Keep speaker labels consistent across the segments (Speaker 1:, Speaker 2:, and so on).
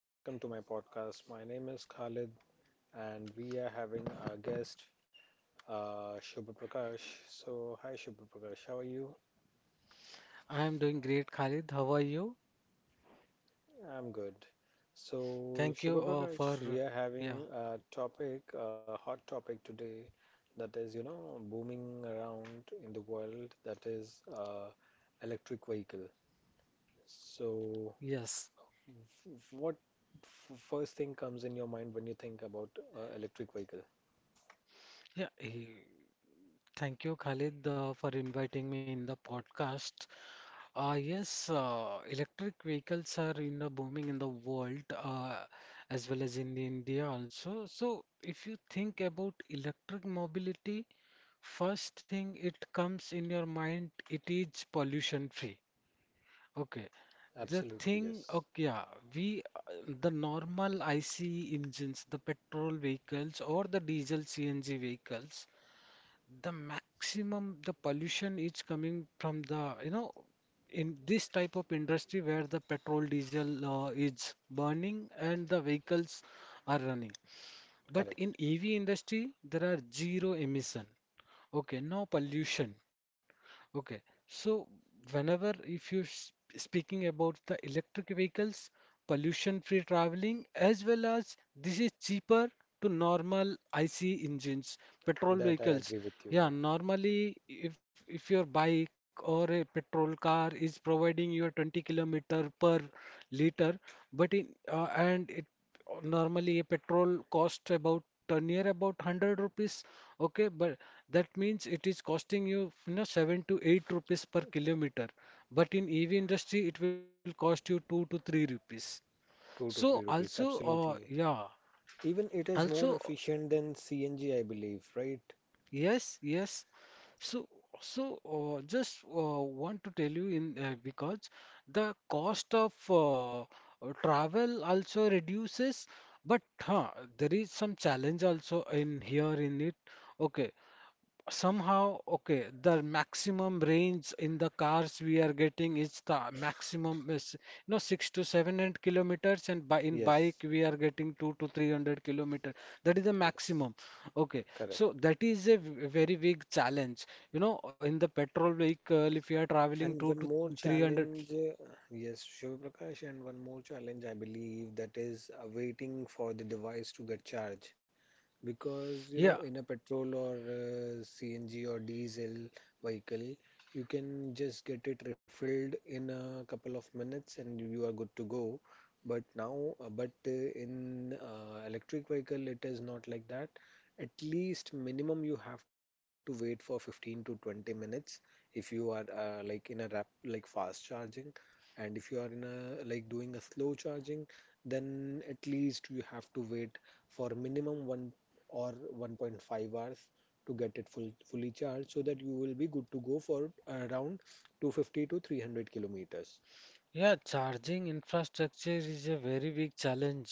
Speaker 1: Welcome to my podcast. My name is Khalid, and we are having our guest, Shubha Prakash. So, hi, Shubha Prakash. How are you?
Speaker 2: I'm doing great, Khalid. How are you?
Speaker 1: I'm good. So,
Speaker 2: Thank
Speaker 1: Shubha
Speaker 2: you
Speaker 1: Prakash,
Speaker 2: for
Speaker 1: we are
Speaker 2: yeah,
Speaker 1: having a topic, a hot topic today that is, you know, booming around in the world, that is electric vehicle. So,
Speaker 2: yes.
Speaker 1: what first thing comes in your mind when you think about electric vehicle?
Speaker 2: Yeah, eh, thank you, Khalid, for inviting me in the podcast. Yes, electric vehicles are in the booming in the world as well as in India also. So if you think about electric mobility, first thing it comes in your mind, it is pollution free. Okay.
Speaker 1: Absolutely, yes.
Speaker 2: Yeah, we the normal IC engines, the petrol vehicles or the diesel CNG vehicles, the maximum the pollution is coming from in this type of industry where the petrol diesel is burning and the vehicles are running. But in
Speaker 1: Correct.
Speaker 2: EV industry, there are zero emission. Okay, no pollution. Okay, so whenever if you s- speaking about the electric vehicles, pollution-free traveling, as well as this is cheaper to normal IC engines, petrol
Speaker 1: That I
Speaker 2: vehicles.
Speaker 1: agree with
Speaker 2: Yeah,
Speaker 1: you.
Speaker 2: normally if your bike or a petrol car is providing you a 20 kilometer per liter, but in and it normally a petrol cost about near about 100 rupees, okay, but that means it is costing you, you know, 7 to 8 rupees per kilometer, but in ev industry it will cost you 2 to 3 rupees.
Speaker 1: Two
Speaker 2: So
Speaker 1: to three rupees,
Speaker 2: also
Speaker 1: absolutely.
Speaker 2: yeah
Speaker 1: Even it is
Speaker 2: also
Speaker 1: more efficient than CNG, I believe, right?
Speaker 2: Yes, yes. So, so just want to tell you in because the cost of travel also reduces, but there is some challenge also in it. Okay, somehow, okay, the maximum range in the cars we are getting is the maximum is no six to seven hundred kilometers, and by in bike
Speaker 1: Yes,
Speaker 2: we are getting two to three hundred kilometer. That is the maximum,
Speaker 1: yes,
Speaker 2: okay, so
Speaker 1: correct.
Speaker 2: that is a very big challenge. You know, in the petrol vehicle if you are traveling
Speaker 1: And
Speaker 2: two
Speaker 1: one
Speaker 2: to
Speaker 1: more
Speaker 2: three hundred,
Speaker 1: challenge, yes, Shiv Prakash, and one more challenge, I believe, that is waiting for the device to get charged, because you know
Speaker 2: yeah
Speaker 1: in a petrol or CNG or diesel vehicle you can just get it refilled in a couple of minutes and you are good to go. But now uh, but uh, in uh, electric vehicle it is not like that. At least minimum you have to wait for 15 to 20 minutes if you are like in a rap, like fast charging, and if you are in a, like, doing a slow charging, then at least you have to wait for minimum 1 or 1.5 hours to get it fully charged, so that you will be good to go for around 250 to 300 kilometers.
Speaker 2: yeah charging infrastructure is a very big challenge.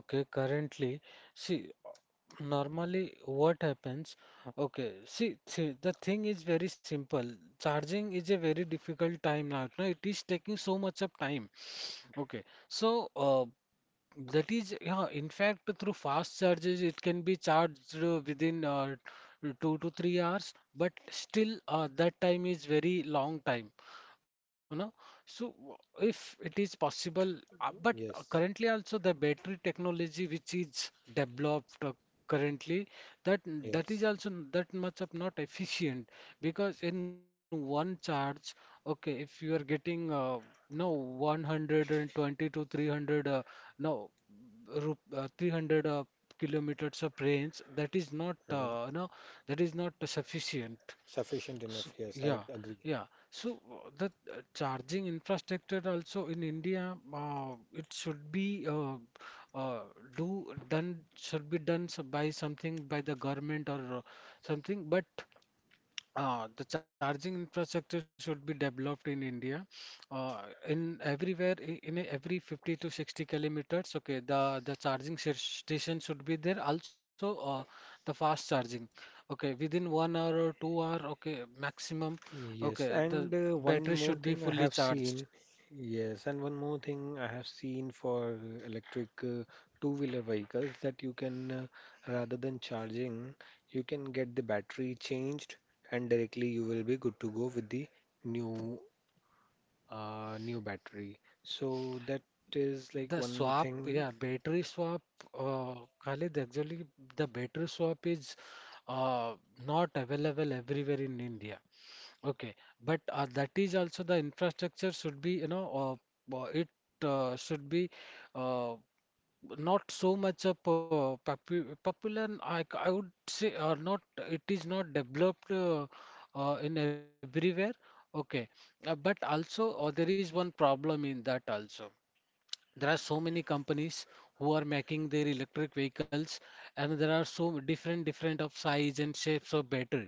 Speaker 2: Okay, currently, see, normally, what happens? Okay, the thing is very simple. Charging is a very difficult time now. No, it is taking so much of time. Okay, so that is, yeah, in fact, through fast charges, it can be charged within 2 to 3 hours, but still, that time is very long time, you know. So, if it is possible, but currently
Speaker 1: Yes,
Speaker 2: also the battery technology which is developed currently, that that is
Speaker 1: yes.
Speaker 2: also that much of not efficient, because in one charge, okay, if you are getting no 120 to 300. No, ru- 300 kilometers of range, that is not,
Speaker 1: hmm
Speaker 2: uh, no, that is not sufficient.
Speaker 1: Sufficient
Speaker 2: So,
Speaker 1: enough. Yes, I
Speaker 2: yeah,
Speaker 1: agree.
Speaker 2: yeah. So the charging infrastructure also in India, it should be, uh, do done should be done so by something by the government or something. But the charging infrastructure should be developed in India. Uh, in everywhere, every 50 to 60 kilometers, okay, the charging station should be there. Also, the fast charging, okay, within 1 hour or 2 hour, okay, maximum, okay,
Speaker 1: Yes,
Speaker 2: the
Speaker 1: and one
Speaker 2: battery
Speaker 1: more
Speaker 2: should be
Speaker 1: thing I
Speaker 2: fully
Speaker 1: have
Speaker 2: charged.
Speaker 1: seen. Yes, and one more thing I have seen for electric two-wheeler vehicles, that you can, rather than charging, you can get the battery changed and directly you will be good to go with the new. New battery. So that is like
Speaker 2: The
Speaker 1: one
Speaker 2: swap,
Speaker 1: thing.
Speaker 2: yeah, battery swap, Khalid, actually, the battery swap is uh, not available everywhere in India. Okay, but that is also the infrastructure should be, you know, it should be uh, not so much of popular. And I would say, or not, it is not developed in everywhere. Okay, but also there is one problem in that also. There are so many companies who are making their electric vehicles, and there are so different different of size and shapes of battery.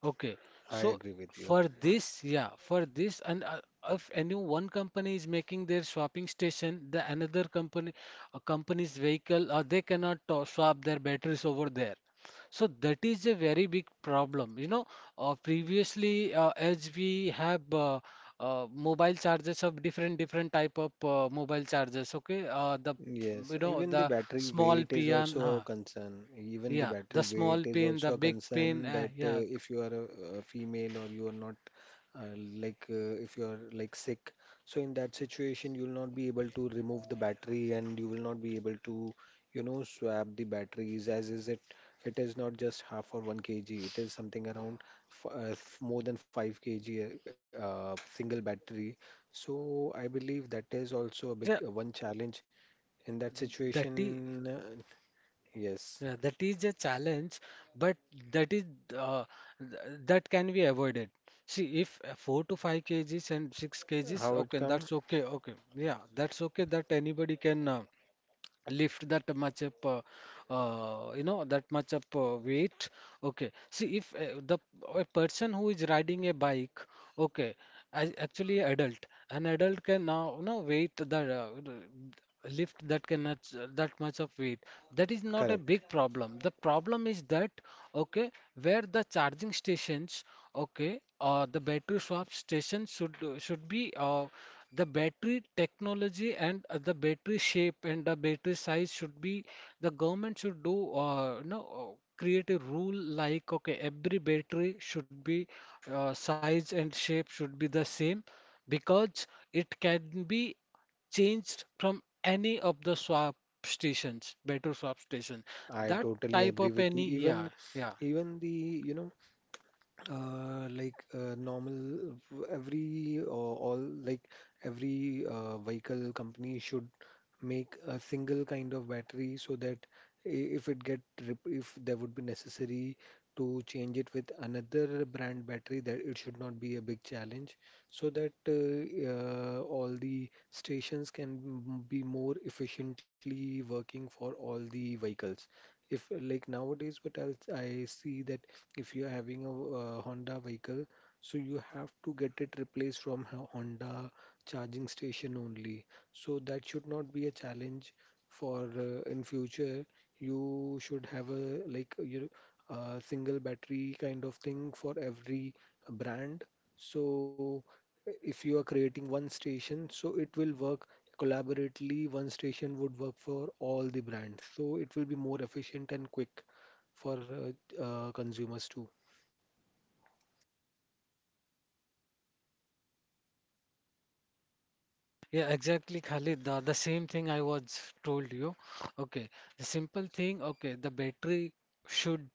Speaker 2: Okay,
Speaker 1: I
Speaker 2: so
Speaker 1: agree with you.
Speaker 2: for this, yeah, for this, and if any one company is making their swapping station, the another company, a company's vehicle, they cannot swap their batteries over there. So that is a very big problem. You know, previously, as we have mobile chargers of different different type of mobile chargers, okay? The
Speaker 1: Yes,
Speaker 2: You know,
Speaker 1: even the
Speaker 2: the
Speaker 1: battery
Speaker 2: small
Speaker 1: weight is
Speaker 2: pin,
Speaker 1: also a
Speaker 2: huh?
Speaker 1: concern. Even the
Speaker 2: Yeah,
Speaker 1: battery
Speaker 2: the
Speaker 1: weight
Speaker 2: small
Speaker 1: is
Speaker 2: pin,
Speaker 1: also
Speaker 2: the
Speaker 1: a
Speaker 2: big pin,
Speaker 1: concern, that
Speaker 2: yeah,
Speaker 1: if you are a female or you are not uh, like if you are like sick, so in that situation you will not be able to remove the battery and you will not be able to, you know, swap the batteries, as is it, it is not just half or 1 kg, it is something around more than 5 kg single battery. So I believe that is also a big
Speaker 2: yeah.
Speaker 1: one challenge in that
Speaker 2: That is
Speaker 1: situation, yes.
Speaker 2: Yeah, that is a challenge, but that is uh, that can be avoided. See, if four to five kgs and six kgs,
Speaker 1: How it
Speaker 2: okay,
Speaker 1: come?
Speaker 2: that's okay, okay, yeah, that's okay, that anybody can lift that much up, that much up weight. Okay, see, if the a person who is riding a bike, okay, as actually adult, an adult can now, you know, weight that, the lift that that much of weight. That is not a
Speaker 1: Correct.
Speaker 2: big problem. The problem is that, okay, where the charging stations, okay, or the battery swap stations should be the battery technology and the battery shape and the battery size should be, the government should do, create a rule like, okay, every battery should be, size and shape should be the same, because it can be changed from any of the swap stations, battery swap station,
Speaker 1: I
Speaker 2: that
Speaker 1: totally
Speaker 2: type
Speaker 1: agree
Speaker 2: of
Speaker 1: with you.
Speaker 2: any,
Speaker 1: Even
Speaker 2: yeah, yeah.
Speaker 1: the, you know, like normal, every all, like, every vehicle company should make a single kind of battery so that if it get if there would be necessary to change it with another brand battery, that it should not be a big challenge, so that all the stations can be more efficiently working for all the vehicles. If, like, nowadays, what else I see, that if you are having a Honda vehicle, so you have to get it replaced from Honda charging station only. So that should not be a challenge for in future. You should have a like you know, a single battery kind of thing for every brand. So if you are creating one station, so it will work collaboratively. One station would work for all the brands. So it will be more efficient and quick for consumers too.
Speaker 2: Yeah, exactly, Khalid. The same thing I was told you. Okay, the simple thing. Okay, the battery should,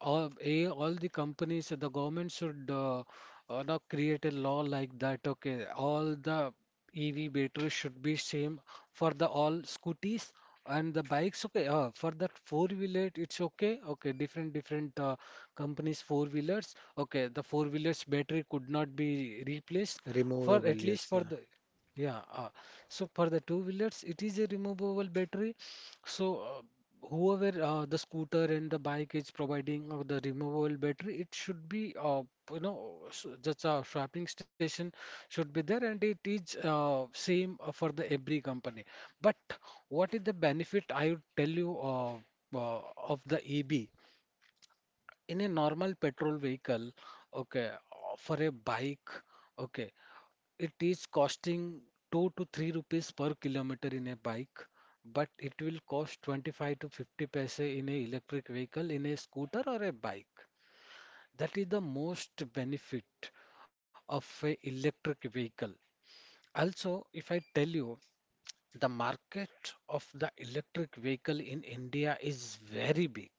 Speaker 2: or a all the companies, the government should, not create a law like that. Okay, all the EV batteries should be same for the all scooters and the bikes. Okay, for that four wheeler, it's okay. Okay, different different companies four wheelers. Okay, the four wheelers battery could not be replaced for
Speaker 1: Removable,
Speaker 2: at
Speaker 1: yes,
Speaker 2: least for
Speaker 1: yeah,
Speaker 2: the. Yeah, so for the two wheelers, it is a removable battery. So whoever the scooter and the bike is providing the removable battery, it should be, that's a swapping station should be there, and it is same for the every company. But what is the benefit? I would tell you of the EB. In a normal petrol vehicle, okay, for a bike, okay, it is costing 2 to 3 rupees per kilometer in a bike, but it will cost 25 to 50 paise in a electric vehicle, in a scooter or a bike. That is the most benefit of a electric vehicle. Also, if I tell you, the market of the electric vehicle in India is very big,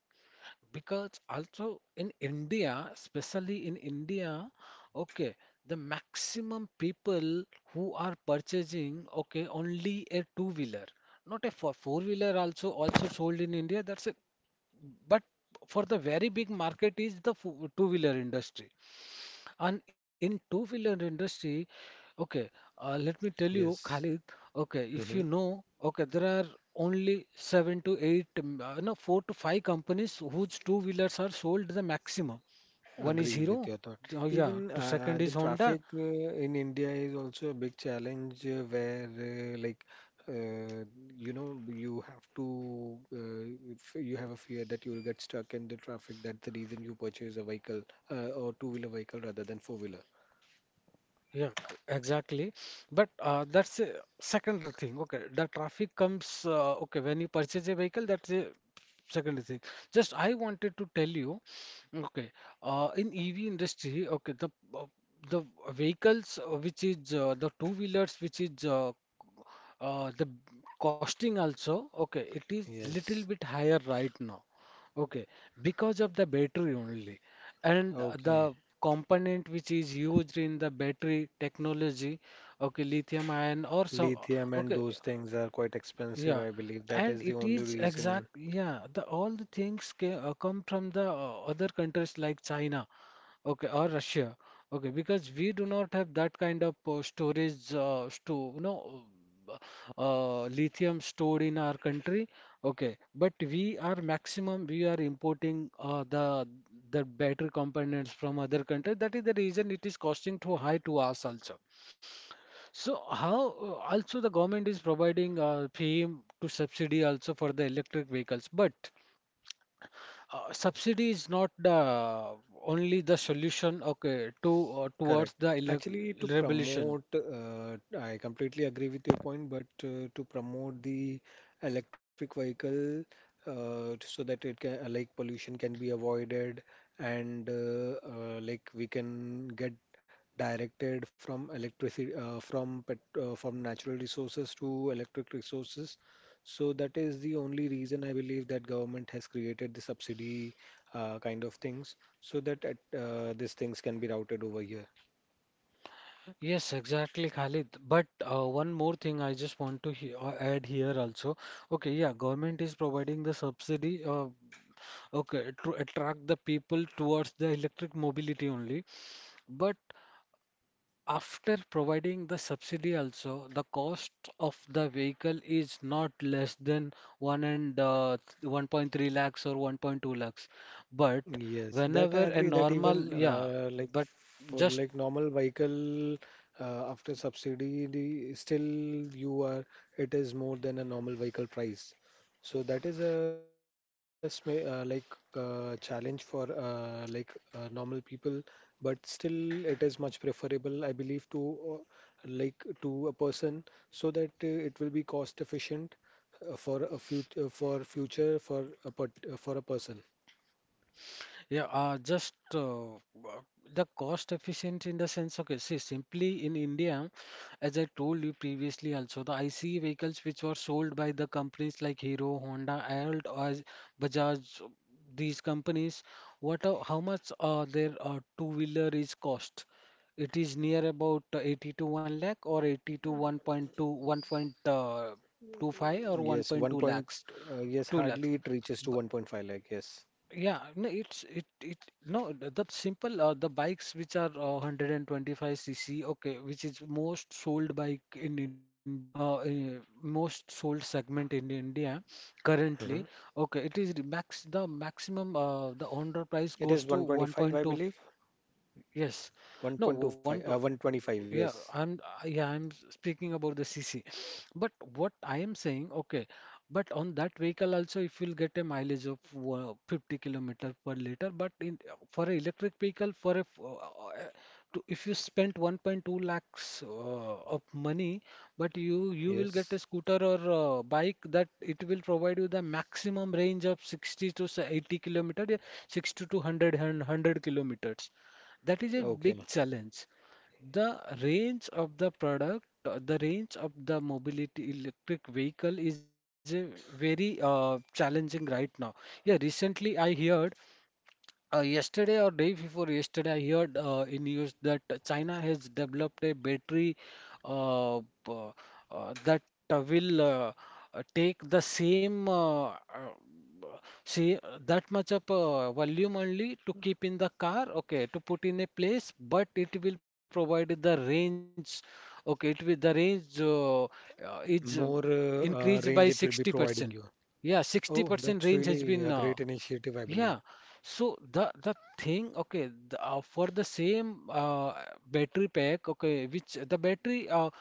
Speaker 2: because also in India, especially in India, okay, the maximum people who are purchasing, okay, only a two-wheeler, not a four-wheeler, also also sold in India. That's it. But for the very big market is the two-wheeler industry. And in two-wheeler industry, okay, let me tell you,
Speaker 1: yes.
Speaker 2: Khalid, okay, if you
Speaker 1: hmm
Speaker 2: know, okay, there are only seven to eight, no, four to five companies whose two-wheelers are sold the maximum. One is
Speaker 1: Agree with
Speaker 2: Hero,
Speaker 1: your thought.
Speaker 2: oh yeah,
Speaker 1: Even
Speaker 2: to second
Speaker 1: the
Speaker 2: is Honda,
Speaker 1: traffic in India is also a big challenge where, like, uh, you know, you have to, if you have a fear that you'll get stuck in the traffic. That's the reason you purchase a vehicle or two-wheeler vehicle rather than four-wheeler.
Speaker 2: yeah, exactly. But that's a secondary thing, okay. The traffic comes, okay, when you purchase a vehicle, that's a secondary thing. Just I wanted to tell you. Okay. In EV industry, okay, uh, the vehicles which is the two wheelers which is the costing also, okay, it is little
Speaker 1: Yes.
Speaker 2: bit higher right now, okay, because of the battery only, and
Speaker 1: Okay.
Speaker 2: the component which is used in the battery technology, okay, lithium ion or some,
Speaker 1: Lithium and
Speaker 2: okay,
Speaker 1: those things are quite expensive,
Speaker 2: yeah,
Speaker 1: I believe. That
Speaker 2: and
Speaker 1: is the
Speaker 2: it
Speaker 1: only
Speaker 2: is
Speaker 1: reason.
Speaker 2: exact. Yeah, the all the things ca come from the other countries like China, okay, or Russia, okay, because we do not have that kind of storage, sto you know, uh, lithium stored in our country, okay, but we are maximum we are importing the battery components from other countries. That is the reason it is costing too high to us also. So how also the government is providing FEM to subsidy also for the electric vehicles, but subsidy is not the only the solution, okay, to
Speaker 1: Correct.
Speaker 2: towards the elec
Speaker 1: Actually, to
Speaker 2: revolution.
Speaker 1: promote, I completely agree with your point, but to promote the electric vehicle, so that it can, like, pollution can be avoided, and like, we can get directed from electricity from natural resources to electric resources. So that is the only reason I believe that government has created the subsidy kind of things so that at, these things can be routed over here.
Speaker 2: Yes, exactly, Khalid. But one more thing I just want to he add here also. Okay, yeah, government is providing the subsidy, okay, to attract the people towards the electric mobility only. But after providing the subsidy also, the cost of the vehicle is not less than one and 1.3 lakhs or 1.2 lakhs. But
Speaker 1: Yes, that I
Speaker 2: whenever a
Speaker 1: agree, that
Speaker 2: normal,
Speaker 1: even
Speaker 2: yeah,
Speaker 1: like,
Speaker 2: but
Speaker 1: for,
Speaker 2: just,
Speaker 1: like, normal vehicle, after subsidy, the, still you are, it is more than a normal vehicle price. So that is a like challenge for like normal people, but still it is much preferable I believe, to like, to a person, so that it will be cost efficient uh, for a future for a person.
Speaker 2: yeah, just the cost efficient in the sense, okay, see, simply in India, as I told you previously also, the ICE vehicles which were sold by the companies like Hero, Honda, Alt, or Bajaj, these companies, what, how much their two-wheeler is cost? It is near about 80 to 1 lakh or 80 to 1.2, 1 25 or
Speaker 1: Yes, one
Speaker 2: 1.2
Speaker 1: point,
Speaker 2: lakhs,
Speaker 1: yes,
Speaker 2: 2 lakhs.
Speaker 1: hardly it reaches to 1.5 lakh. Yes.
Speaker 2: Yeah, no, it's it it no that simple. The bikes which are 125 cc, okay, which is most sold bike in most sold segment in India
Speaker 1: hmm
Speaker 2: currently. Okay, it is the maximum, the on road price
Speaker 1: it is
Speaker 2: goes to
Speaker 1: 125, I
Speaker 2: 1.2.
Speaker 1: believe.
Speaker 2: Yes. No, one
Speaker 1: 1.25,
Speaker 2: to,
Speaker 1: 125.
Speaker 2: yeah,
Speaker 1: Yes,
Speaker 2: I'm speaking about the CC. But what I am saying, okay, but on that vehicle also if you'll get a mileage of 50 kilometer per liter, but in for an electric vehicle for to, if you spend 1.2 lakhs of money, but you will get
Speaker 1: yes.
Speaker 2: a scooter or bike that it will provide you the maximum range of 60 to say 80-kilometer, yeah, 60 to 100 and 100 kilometers. That is a
Speaker 1: Okay.
Speaker 2: big challenge. The range of the mobility electric vehicle is a very challenging right now. Yeah, recently I heard yesterday or day before yesterday, I heard, in news that China has developed a battery, uh, p- that will, take the same, see, that much of volume only to keep in the car, okay, to put in a place, but it will provide the range, okay, it will the range, is
Speaker 1: More
Speaker 2: increased by
Speaker 1: range it will be
Speaker 2: 60%.
Speaker 1: providing you.
Speaker 2: Yeah,
Speaker 1: Oh,
Speaker 2: 60%
Speaker 1: that's
Speaker 2: range has
Speaker 1: really
Speaker 2: been,
Speaker 1: a great initiative, I believe.
Speaker 2: yeah. So the thing, okay, for the same battery pack, okay, which the battery,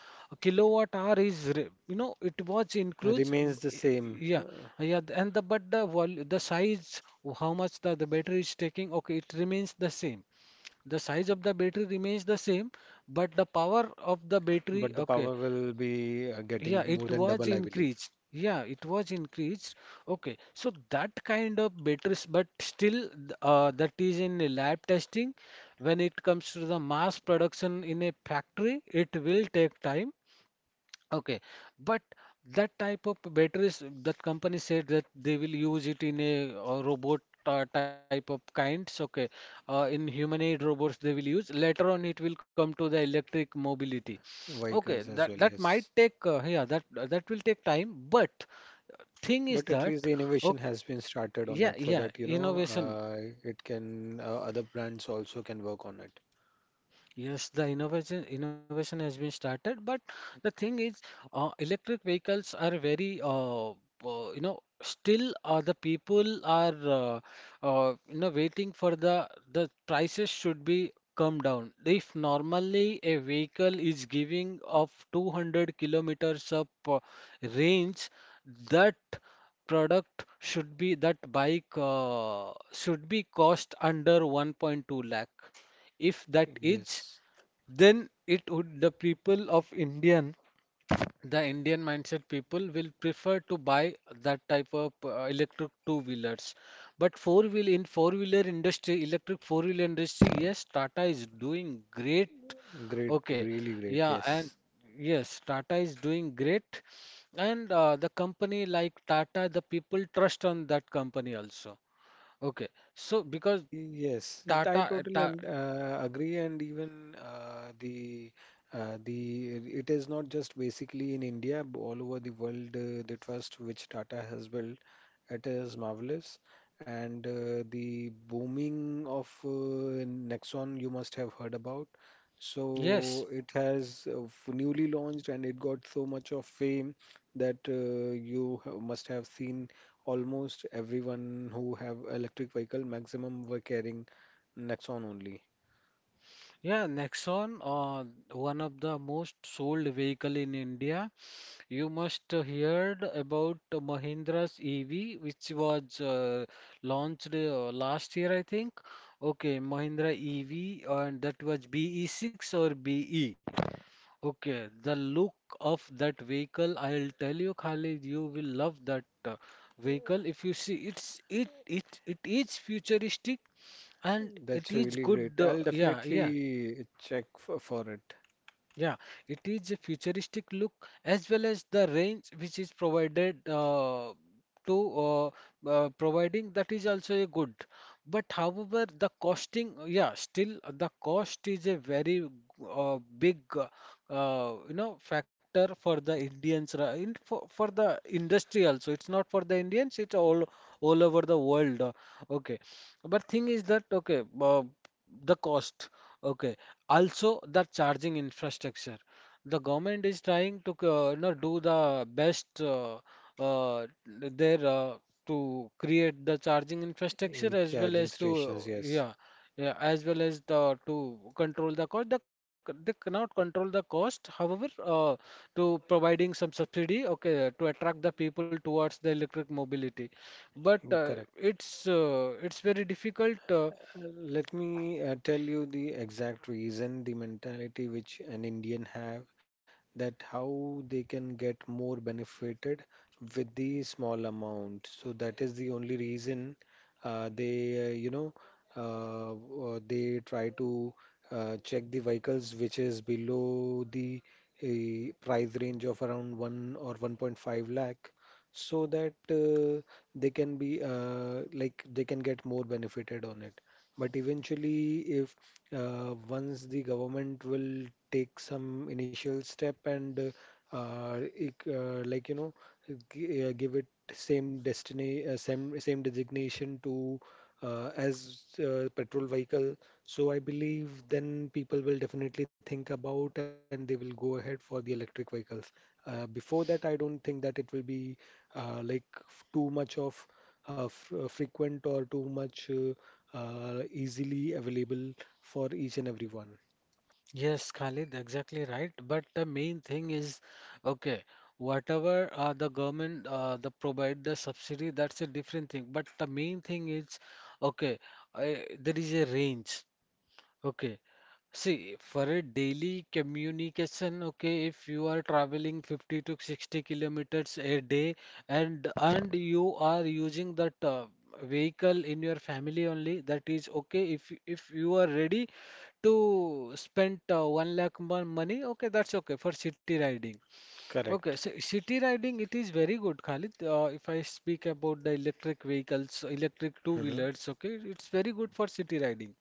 Speaker 2: kilowatt hour is you know, it was includes,
Speaker 1: Remains the same,
Speaker 2: yeah, and the, but the size, how much the battery is taking, okay, it remains the same. The size of the battery remains the same, but the power of the battery,
Speaker 1: but the
Speaker 2: okay,
Speaker 1: power will be getting
Speaker 2: yeah,
Speaker 1: more
Speaker 2: it
Speaker 1: than
Speaker 2: was
Speaker 1: double, I believe.
Speaker 2: increased. Yeah, it was increased. Okay, so that kind of batteries, but still, that is in a lab testing. When it comes to the mass production in a factory, it will take time. Okay, but that type of batteries, that company said that they will use it in a, robot type of kinds. Okay, in humanoid robots they will use. Later on, it will come to the electric mobility.
Speaker 1: Vehicles
Speaker 2: Okay,
Speaker 1: as well.
Speaker 2: that
Speaker 1: Yes.
Speaker 2: might take, yeah, that will take time. But thing
Speaker 1: But
Speaker 2: is
Speaker 1: at least the
Speaker 2: that,
Speaker 1: innovation
Speaker 2: okay,
Speaker 1: has been started on it,
Speaker 2: yeah
Speaker 1: so
Speaker 2: yeah
Speaker 1: that, you know,
Speaker 2: innovation.
Speaker 1: it can, other brands also can work on it.
Speaker 2: Yes, the innovation has been started, but the thing is, electric vehicles are very, you know, still, the people are, you know, waiting for the prices should be come down. If normally a vehicle is giving of 200 kilometers of range, that product should be, that bike should be cost under 1.2 lakh. If that is,
Speaker 1: Yes,
Speaker 2: then it would, the Indian mindset people will prefer to buy that type of electric two wheelers. But four wheeler industry, electric four wheeler industry, yes, Tata is doing great.
Speaker 1: great,
Speaker 2: Okay,
Speaker 1: really great.
Speaker 2: yeah, and
Speaker 1: Yes.
Speaker 2: yes, Tata is doing great, and the company like Tata, the people trust on that company also. Okay, so because
Speaker 1: Yes, I
Speaker 2: Tata,
Speaker 1: totally
Speaker 2: ta
Speaker 1: agree, and even the it is not just basically in India, all over the world, the trust which Tata has built, it is marvelous, and the booming of Nexon, you must have heard about. So
Speaker 2: yes.
Speaker 1: it has newly launched, and it got so much of fame that you must have seen almost everyone who have electric vehicle, maximum were carrying Nexon only.
Speaker 2: Yeah, Nexon, one of the most sold vehicle in India. You must heard about Mahindra's EV, which was launched last year, I think. Okay, Mahindra EV, and that was BE6 or BE. Okay, the look of that vehicle, I'll tell you, Khalid, you will love that vehicle. If you see, it is futuristic and it
Speaker 1: That's
Speaker 2: is
Speaker 1: really
Speaker 2: good.
Speaker 1: great. I'll
Speaker 2: Yeah, yeah.
Speaker 1: definitely check for it.
Speaker 2: Yeah, it is a futuristic look, as well as the range which is provided, to providing, that is also a good. But however, the costing, yeah, still, the cost is a very big, you know, factor for the Indians, for, the industry also. It's not for the Indians, it's all over the world. Okay, but thing is that, okay, the cost. Okay, also, the charging infrastructure. The government is trying to, you know, do the best, there, to create the charging infrastructure,
Speaker 1: Eh,
Speaker 2: as well
Speaker 1: charging
Speaker 2: as to,
Speaker 1: stations, yes.
Speaker 2: yeah, as well as the to control the cost. They cannot control the cost. However, to providing some subsidy, okay, to attract the people towards the electric mobility. But,
Speaker 1: Correct.
Speaker 2: it's very difficult.
Speaker 1: Let me tell you the exact reason, the mentality which an Indian have, that how they can get more benefited with the small amount. So that is the only reason they, you know, they try to check the vehicles which is below the price range of around 1 or 1.5 lakh, so that they can be like, they can get more benefited on it. But eventually, if once the government will take some initial step and like, you know, g give it same destiny uh, same designation to, as petrol vehicle, so I believe then people will definitely think about and they will go ahead for the electric vehicles. Before that, I don't think that it will be like, too much of f frequent or too much. Easily available for each and every one.
Speaker 2: Yes, Khalid, exactly right. But the main thing is, okay, whatever the government, the provide the subsidy, that's a different thing. But the main thing is, okay, uh, there is a range. Okay. See, for a daily communication, okay, if you are traveling 50 to 60 kilometers a day, and you are using that vehicle in your family only, that is okay. If you are ready to spend 1 lakh money, okay, that's okay for city riding. Okay, so
Speaker 1: Correct.
Speaker 2: city riding it is very good, Khalid. If I speak about the electric vehicles, electric
Speaker 1: Mhm.
Speaker 2: two-wheelers, okay, it's very good for city riding.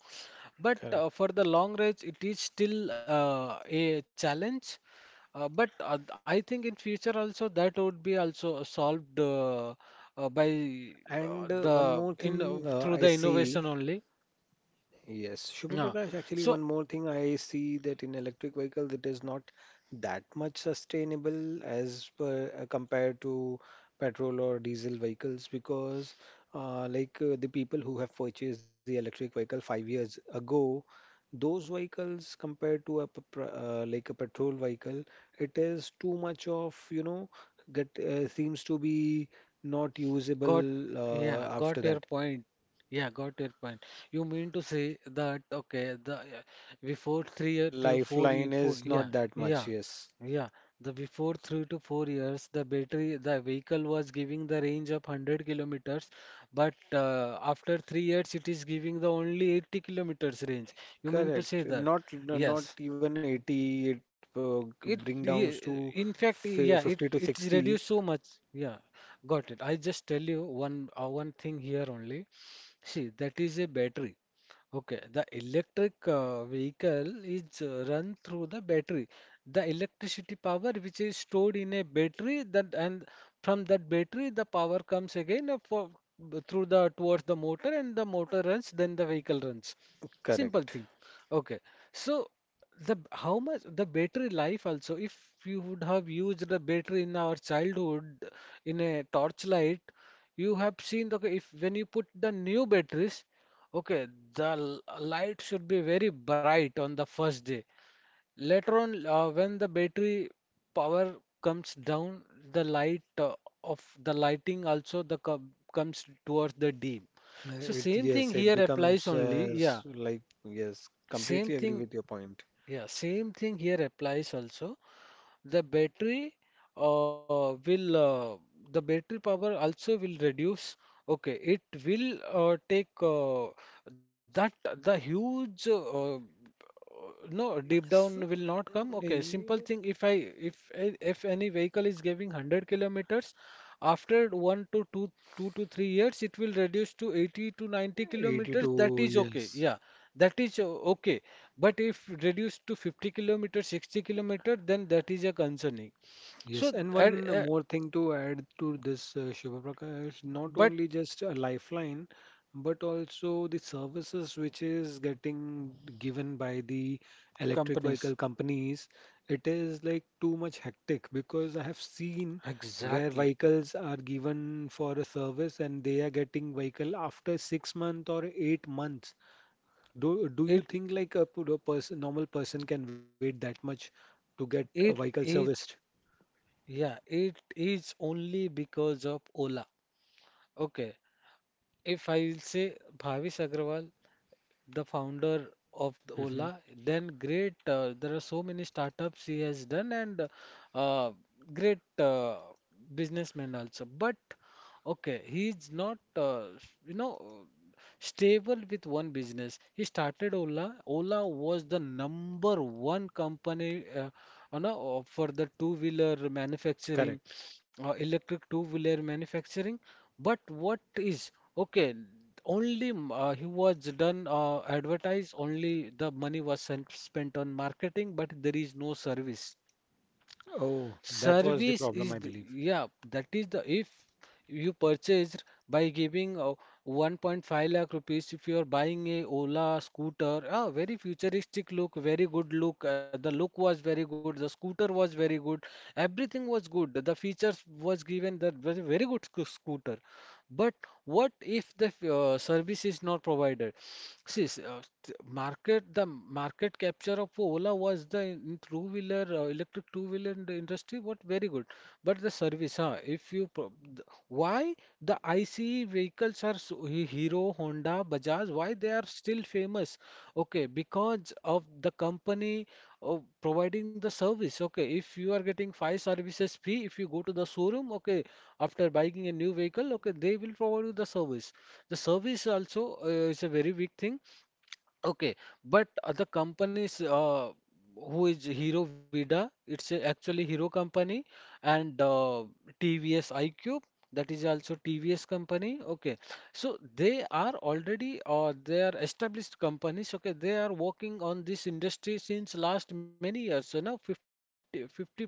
Speaker 2: But, for
Speaker 1: Correct.
Speaker 2: the long range, it is still, a challenge. But I think in future also that would be also solved, by,
Speaker 1: And one
Speaker 2: the
Speaker 1: more
Speaker 2: in
Speaker 1: thing
Speaker 2: through
Speaker 1: I
Speaker 2: the innovation
Speaker 1: see.
Speaker 2: only.
Speaker 1: Yes, Shubha
Speaker 2: Yeah.
Speaker 1: Prakash, actually one
Speaker 2: So,
Speaker 1: more thing I see, that in electric vehicles it is not that much sustainable as per, compared to petrol or diesel vehicles, because like the people who have purchased the electric vehicle 5 years ago, those vehicles compared to a like a petrol vehicle, it is too much of, you know, get seems to be not
Speaker 2: got,
Speaker 1: usable
Speaker 2: yeah, got
Speaker 1: after
Speaker 2: your
Speaker 1: that.
Speaker 2: point. Yeah, got your point. You mean to say that, okay, the before 3 year to
Speaker 1: Lifeline
Speaker 2: four,
Speaker 1: is
Speaker 2: yeah,
Speaker 1: not that much,
Speaker 2: yeah,
Speaker 1: yes.
Speaker 2: yeah. The before 3 to 4 years, the battery, the vehicle was giving the range of 100 kilometers, but after 3 years, it is giving the only 80 kilometers range. You mean to say
Speaker 1: Correct.
Speaker 2: that?
Speaker 1: Not
Speaker 2: Yes.
Speaker 1: even 80, it
Speaker 2: It,
Speaker 1: bring downs
Speaker 2: ye-
Speaker 1: to
Speaker 2: in fact, yeah, it
Speaker 1: 50 to
Speaker 2: it is
Speaker 1: 60.
Speaker 2: reduced so much. Yeah, got it. I just tell you one thing here only. See, that is a battery. Okay, the electric vehicle is run through the battery. The electricity power which is stored in a battery that, and from that battery the power comes again, through the towards the motor, and the motor runs, then the vehicle runs. Simple
Speaker 1: Correct.
Speaker 2: thing. Okay. So how much the battery life also, if you would have used the battery in our childhood in a torchlight, you have seen, okay, if when you put the new batteries. Okay, the light should be very bright on the first day. Later on, when the battery power comes down, the light, of the lighting also the co comes towards the dim.
Speaker 1: Uh,
Speaker 2: So
Speaker 1: It
Speaker 2: same thing
Speaker 1: yes, it
Speaker 2: here applies
Speaker 1: becomes
Speaker 2: only. Yeah,
Speaker 1: like, yes,
Speaker 2: same
Speaker 1: completely agree
Speaker 2: thing.
Speaker 1: with your point.
Speaker 2: Yeah, same thing here applies also. The battery uh, will uh, the battery power also will reduce. Okay, it will take that the huge, no, deep
Speaker 1: S-
Speaker 2: down will not come. Okay, simple
Speaker 1: eh,
Speaker 2: thing. If I if a- if any vehicle is giving 100 kilometers, after one to two 2 to 3 years, it will reduce to 80 to 90 kilometers. That
Speaker 1: 82,
Speaker 2: is okay.
Speaker 1: yes.
Speaker 2: Yeah, that is, okay. But if reduced to 50 kilometer, 60 kilometer, then that is a concerning. So,
Speaker 1: Yes, and
Speaker 2: uh,
Speaker 1: one
Speaker 2: uh,
Speaker 1: more thing to add to this, Shubha Prakash, not
Speaker 2: but
Speaker 1: only just a lifeline, but also the services which is getting given by the electric vehicle
Speaker 2: companies,
Speaker 1: companies. It is like too much hectic, because I have seen where
Speaker 2: exactly.
Speaker 1: vehicles are given for a service and they are getting vehicle after 6 months or 8 months. Do you
Speaker 2: It
Speaker 1: think, like, a, a person, normal person, can wait that much to get a
Speaker 2: it
Speaker 1: vehicle
Speaker 2: is
Speaker 1: serviced?
Speaker 2: yeah, it is only because of Ola. Okay, if I will say Bhavish Agrawal, the founder of the
Speaker 1: Hmm
Speaker 2: Ola, then great. There are so many startups he has done, and uh, great businessman also. But okay, he's not, you know, stable with one business. He started Ola. Ola was the number one company, you know, for the two-wheeler manufacturing,
Speaker 1: Correct.
Speaker 2: electric two-wheeler manufacturing. But what is? Okay, he was done advertise, only the money was sent, spent on marketing, but there is no service.
Speaker 1: Oh, that was the
Speaker 2: Service
Speaker 1: problem, I
Speaker 2: is the,
Speaker 1: believe.
Speaker 2: yeah, that is the, if you purchased by giving 1.5 lakh rupees, if you are buying a Ola scooter, ah, very futuristic look, very good look. The look was very good, the scooter was very good, everything was good, the features was given, that was a very good scooter. But what if the service is not provided? See, s- t- market the market capture of Ola was the in two-wheeler, electric two-wheeler in the industry. What very good, but the service, huh? If you pro- th- Why the ICE vehicles are so, Hero, Honda, Bajaj, why they are still famous? Okay, because of the company, oh, providing the service. Okay, if you are getting five services free, if you go to the showroom, okay, after buying a new vehicle, okay, they will provide you the service. The service also, is a very big thing. Okay, but the companies, who is Hero Vida, it's a actually Hero company, and TVS iQube, that is also TVS company. Okay, so they are already, they are established companies. Okay, they are working on this industry since last many years, you know, 50 plus years.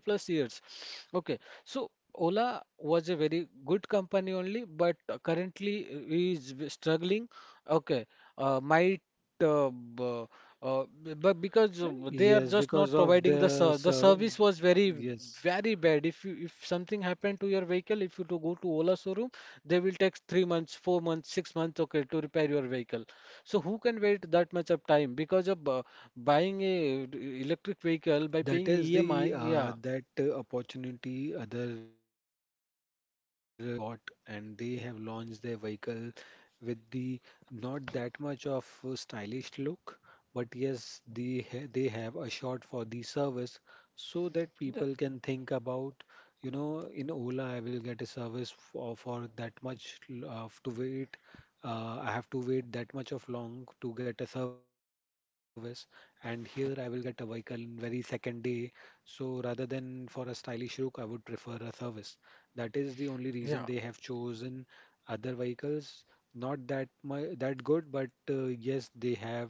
Speaker 2: Okay, so Ola was a very good company only, but currently is struggling. Okay. Uh, my uh, b- but because they are
Speaker 1: Yes,
Speaker 2: just
Speaker 1: because
Speaker 2: not
Speaker 1: of
Speaker 2: providing
Speaker 1: the
Speaker 2: the
Speaker 1: so,
Speaker 2: service was very
Speaker 1: yes,
Speaker 2: very bad. If something happened to your vehicle, if you to go to Ola showroom, they will take 3 months, 4 months, 6 months, okay, to repair your vehicle. So who can wait that much of time? Because of buying a electric vehicle by
Speaker 1: that
Speaker 2: paying
Speaker 1: is
Speaker 2: EMI,
Speaker 1: the
Speaker 2: yeah,
Speaker 1: that opportunity other like brands got, and they have launched their vehicle with the not that much of a stylish look, but yes, they ha they have assured for the service, so that people can think about, you know, in Ola I will get a service for that much to wait. I have to wait that much of long to get a service, and here I will get a vehicle in very second day, so rather than for a stylish look, I would prefer a service. That is the only
Speaker 2: yeah.
Speaker 1: reason they have chosen other vehicles. Not that my that good, but yes, they have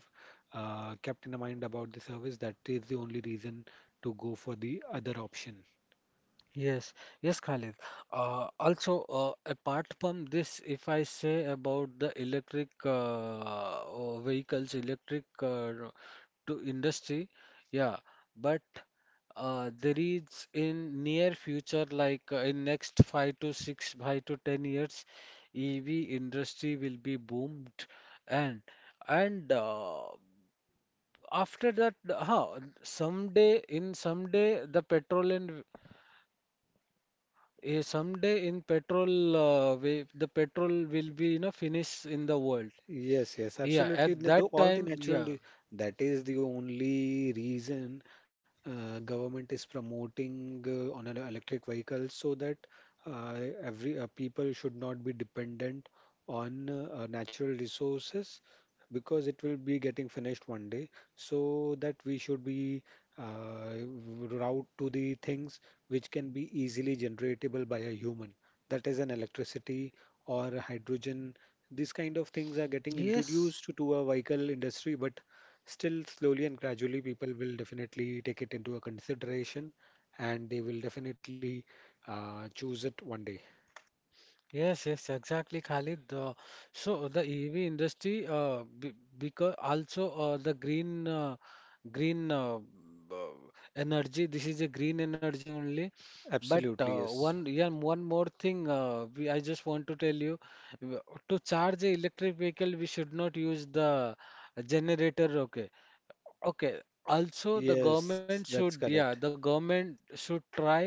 Speaker 1: kept in mind about the service. That is the only reason to go for the other option.
Speaker 2: Yes, yes, Khalid. Also, apart from this, if I say about the electric, vehicles, electric, to industry, yeah, but there is, in near future, like, in next five to six, 5 to 10 years, EV industry will be boomed, and and uh, after that, huh, someday in someday the petrol, and eh, someday in petrol, we, the petrol will be, you know, finish in the world.
Speaker 1: Yes, yes,
Speaker 2: Yeah,
Speaker 1: absolutely.
Speaker 2: at that
Speaker 1: Though all the
Speaker 2: time,
Speaker 1: natural,
Speaker 2: yeah.
Speaker 1: that is the only reason government is promoting on an electric vehicle, so that uh, every people should not be dependent on natural resources, because it will be getting finished one day. So that we should be uh, route to the things which can be easily generatable by a human. That is an electricity or hydrogen, these kind of things are getting
Speaker 2: Yes,
Speaker 1: introduced to our vehicle industry, but still slowly and gradually people will definitely take it into a consideration, and they will definitely choose it one day.
Speaker 2: yes, yes, exactly, Khalid. So the EV industry, because also the green, green uh, b- energy. This is a green energy only. But,
Speaker 1: Absolutely, yes.
Speaker 2: yeah, one more thing. I just want to tell you, w- to charge a electric vehicle, we should not use the generator. Okay. Okay. Also, the government
Speaker 1: Yes, that's
Speaker 2: should, yeah,
Speaker 1: correct.
Speaker 2: the government should try,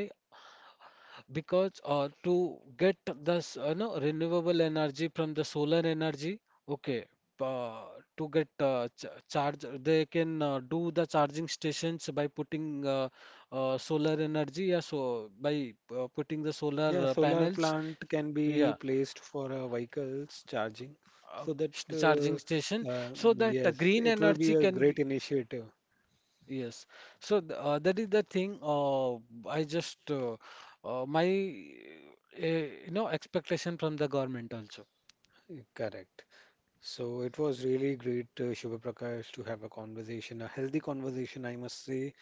Speaker 2: because to get this, no, renewable energy from the solar energy. Okay, uh, to get ch charge, they can do the charging stations by putting, solar energy. Yeah, so by putting the solar
Speaker 1: Yeah, solar
Speaker 2: panels.
Speaker 1: plant can be
Speaker 2: Yeah.
Speaker 1: placed for vehicles charging,
Speaker 2: uh,
Speaker 1: so that
Speaker 2: Charging station, so that the
Speaker 1: yes,
Speaker 2: green
Speaker 1: it will be
Speaker 2: energy
Speaker 1: a
Speaker 2: can
Speaker 1: great
Speaker 2: be.
Speaker 1: initiative.
Speaker 2: Yes. So that is the thing. I just, my uh, you know, expectation from the government also.
Speaker 1: Correct. So it was really great, Shubha Prakash, to have a conversation, a healthy conversation, I must say,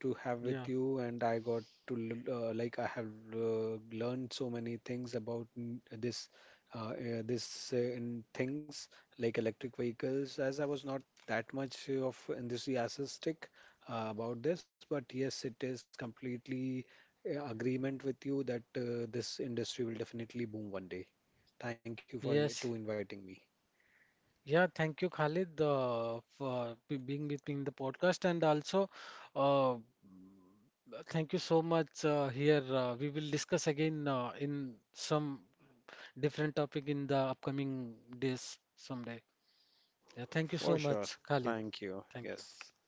Speaker 1: to have with
Speaker 2: Yeah.
Speaker 1: you. And I got to, like, I have learned so many things about this, in things like electric vehicles, as I was not that much of enthusiastic about this. But yes, it is completely agreement with you that this industry will definitely boom one day. Thank you for to
Speaker 2: Yes.
Speaker 1: inviting me.
Speaker 2: Yeah. Thank you, Khalid, for being with me in the podcast, and also, uh, thank you so much. Here, we will discuss again, in some different topic in the upcoming days someday. Yeah.
Speaker 1: For
Speaker 2: Thank
Speaker 1: sure.
Speaker 2: you so much,
Speaker 1: Thank you.
Speaker 2: Khalid.
Speaker 1: Yes.
Speaker 2: Thank you.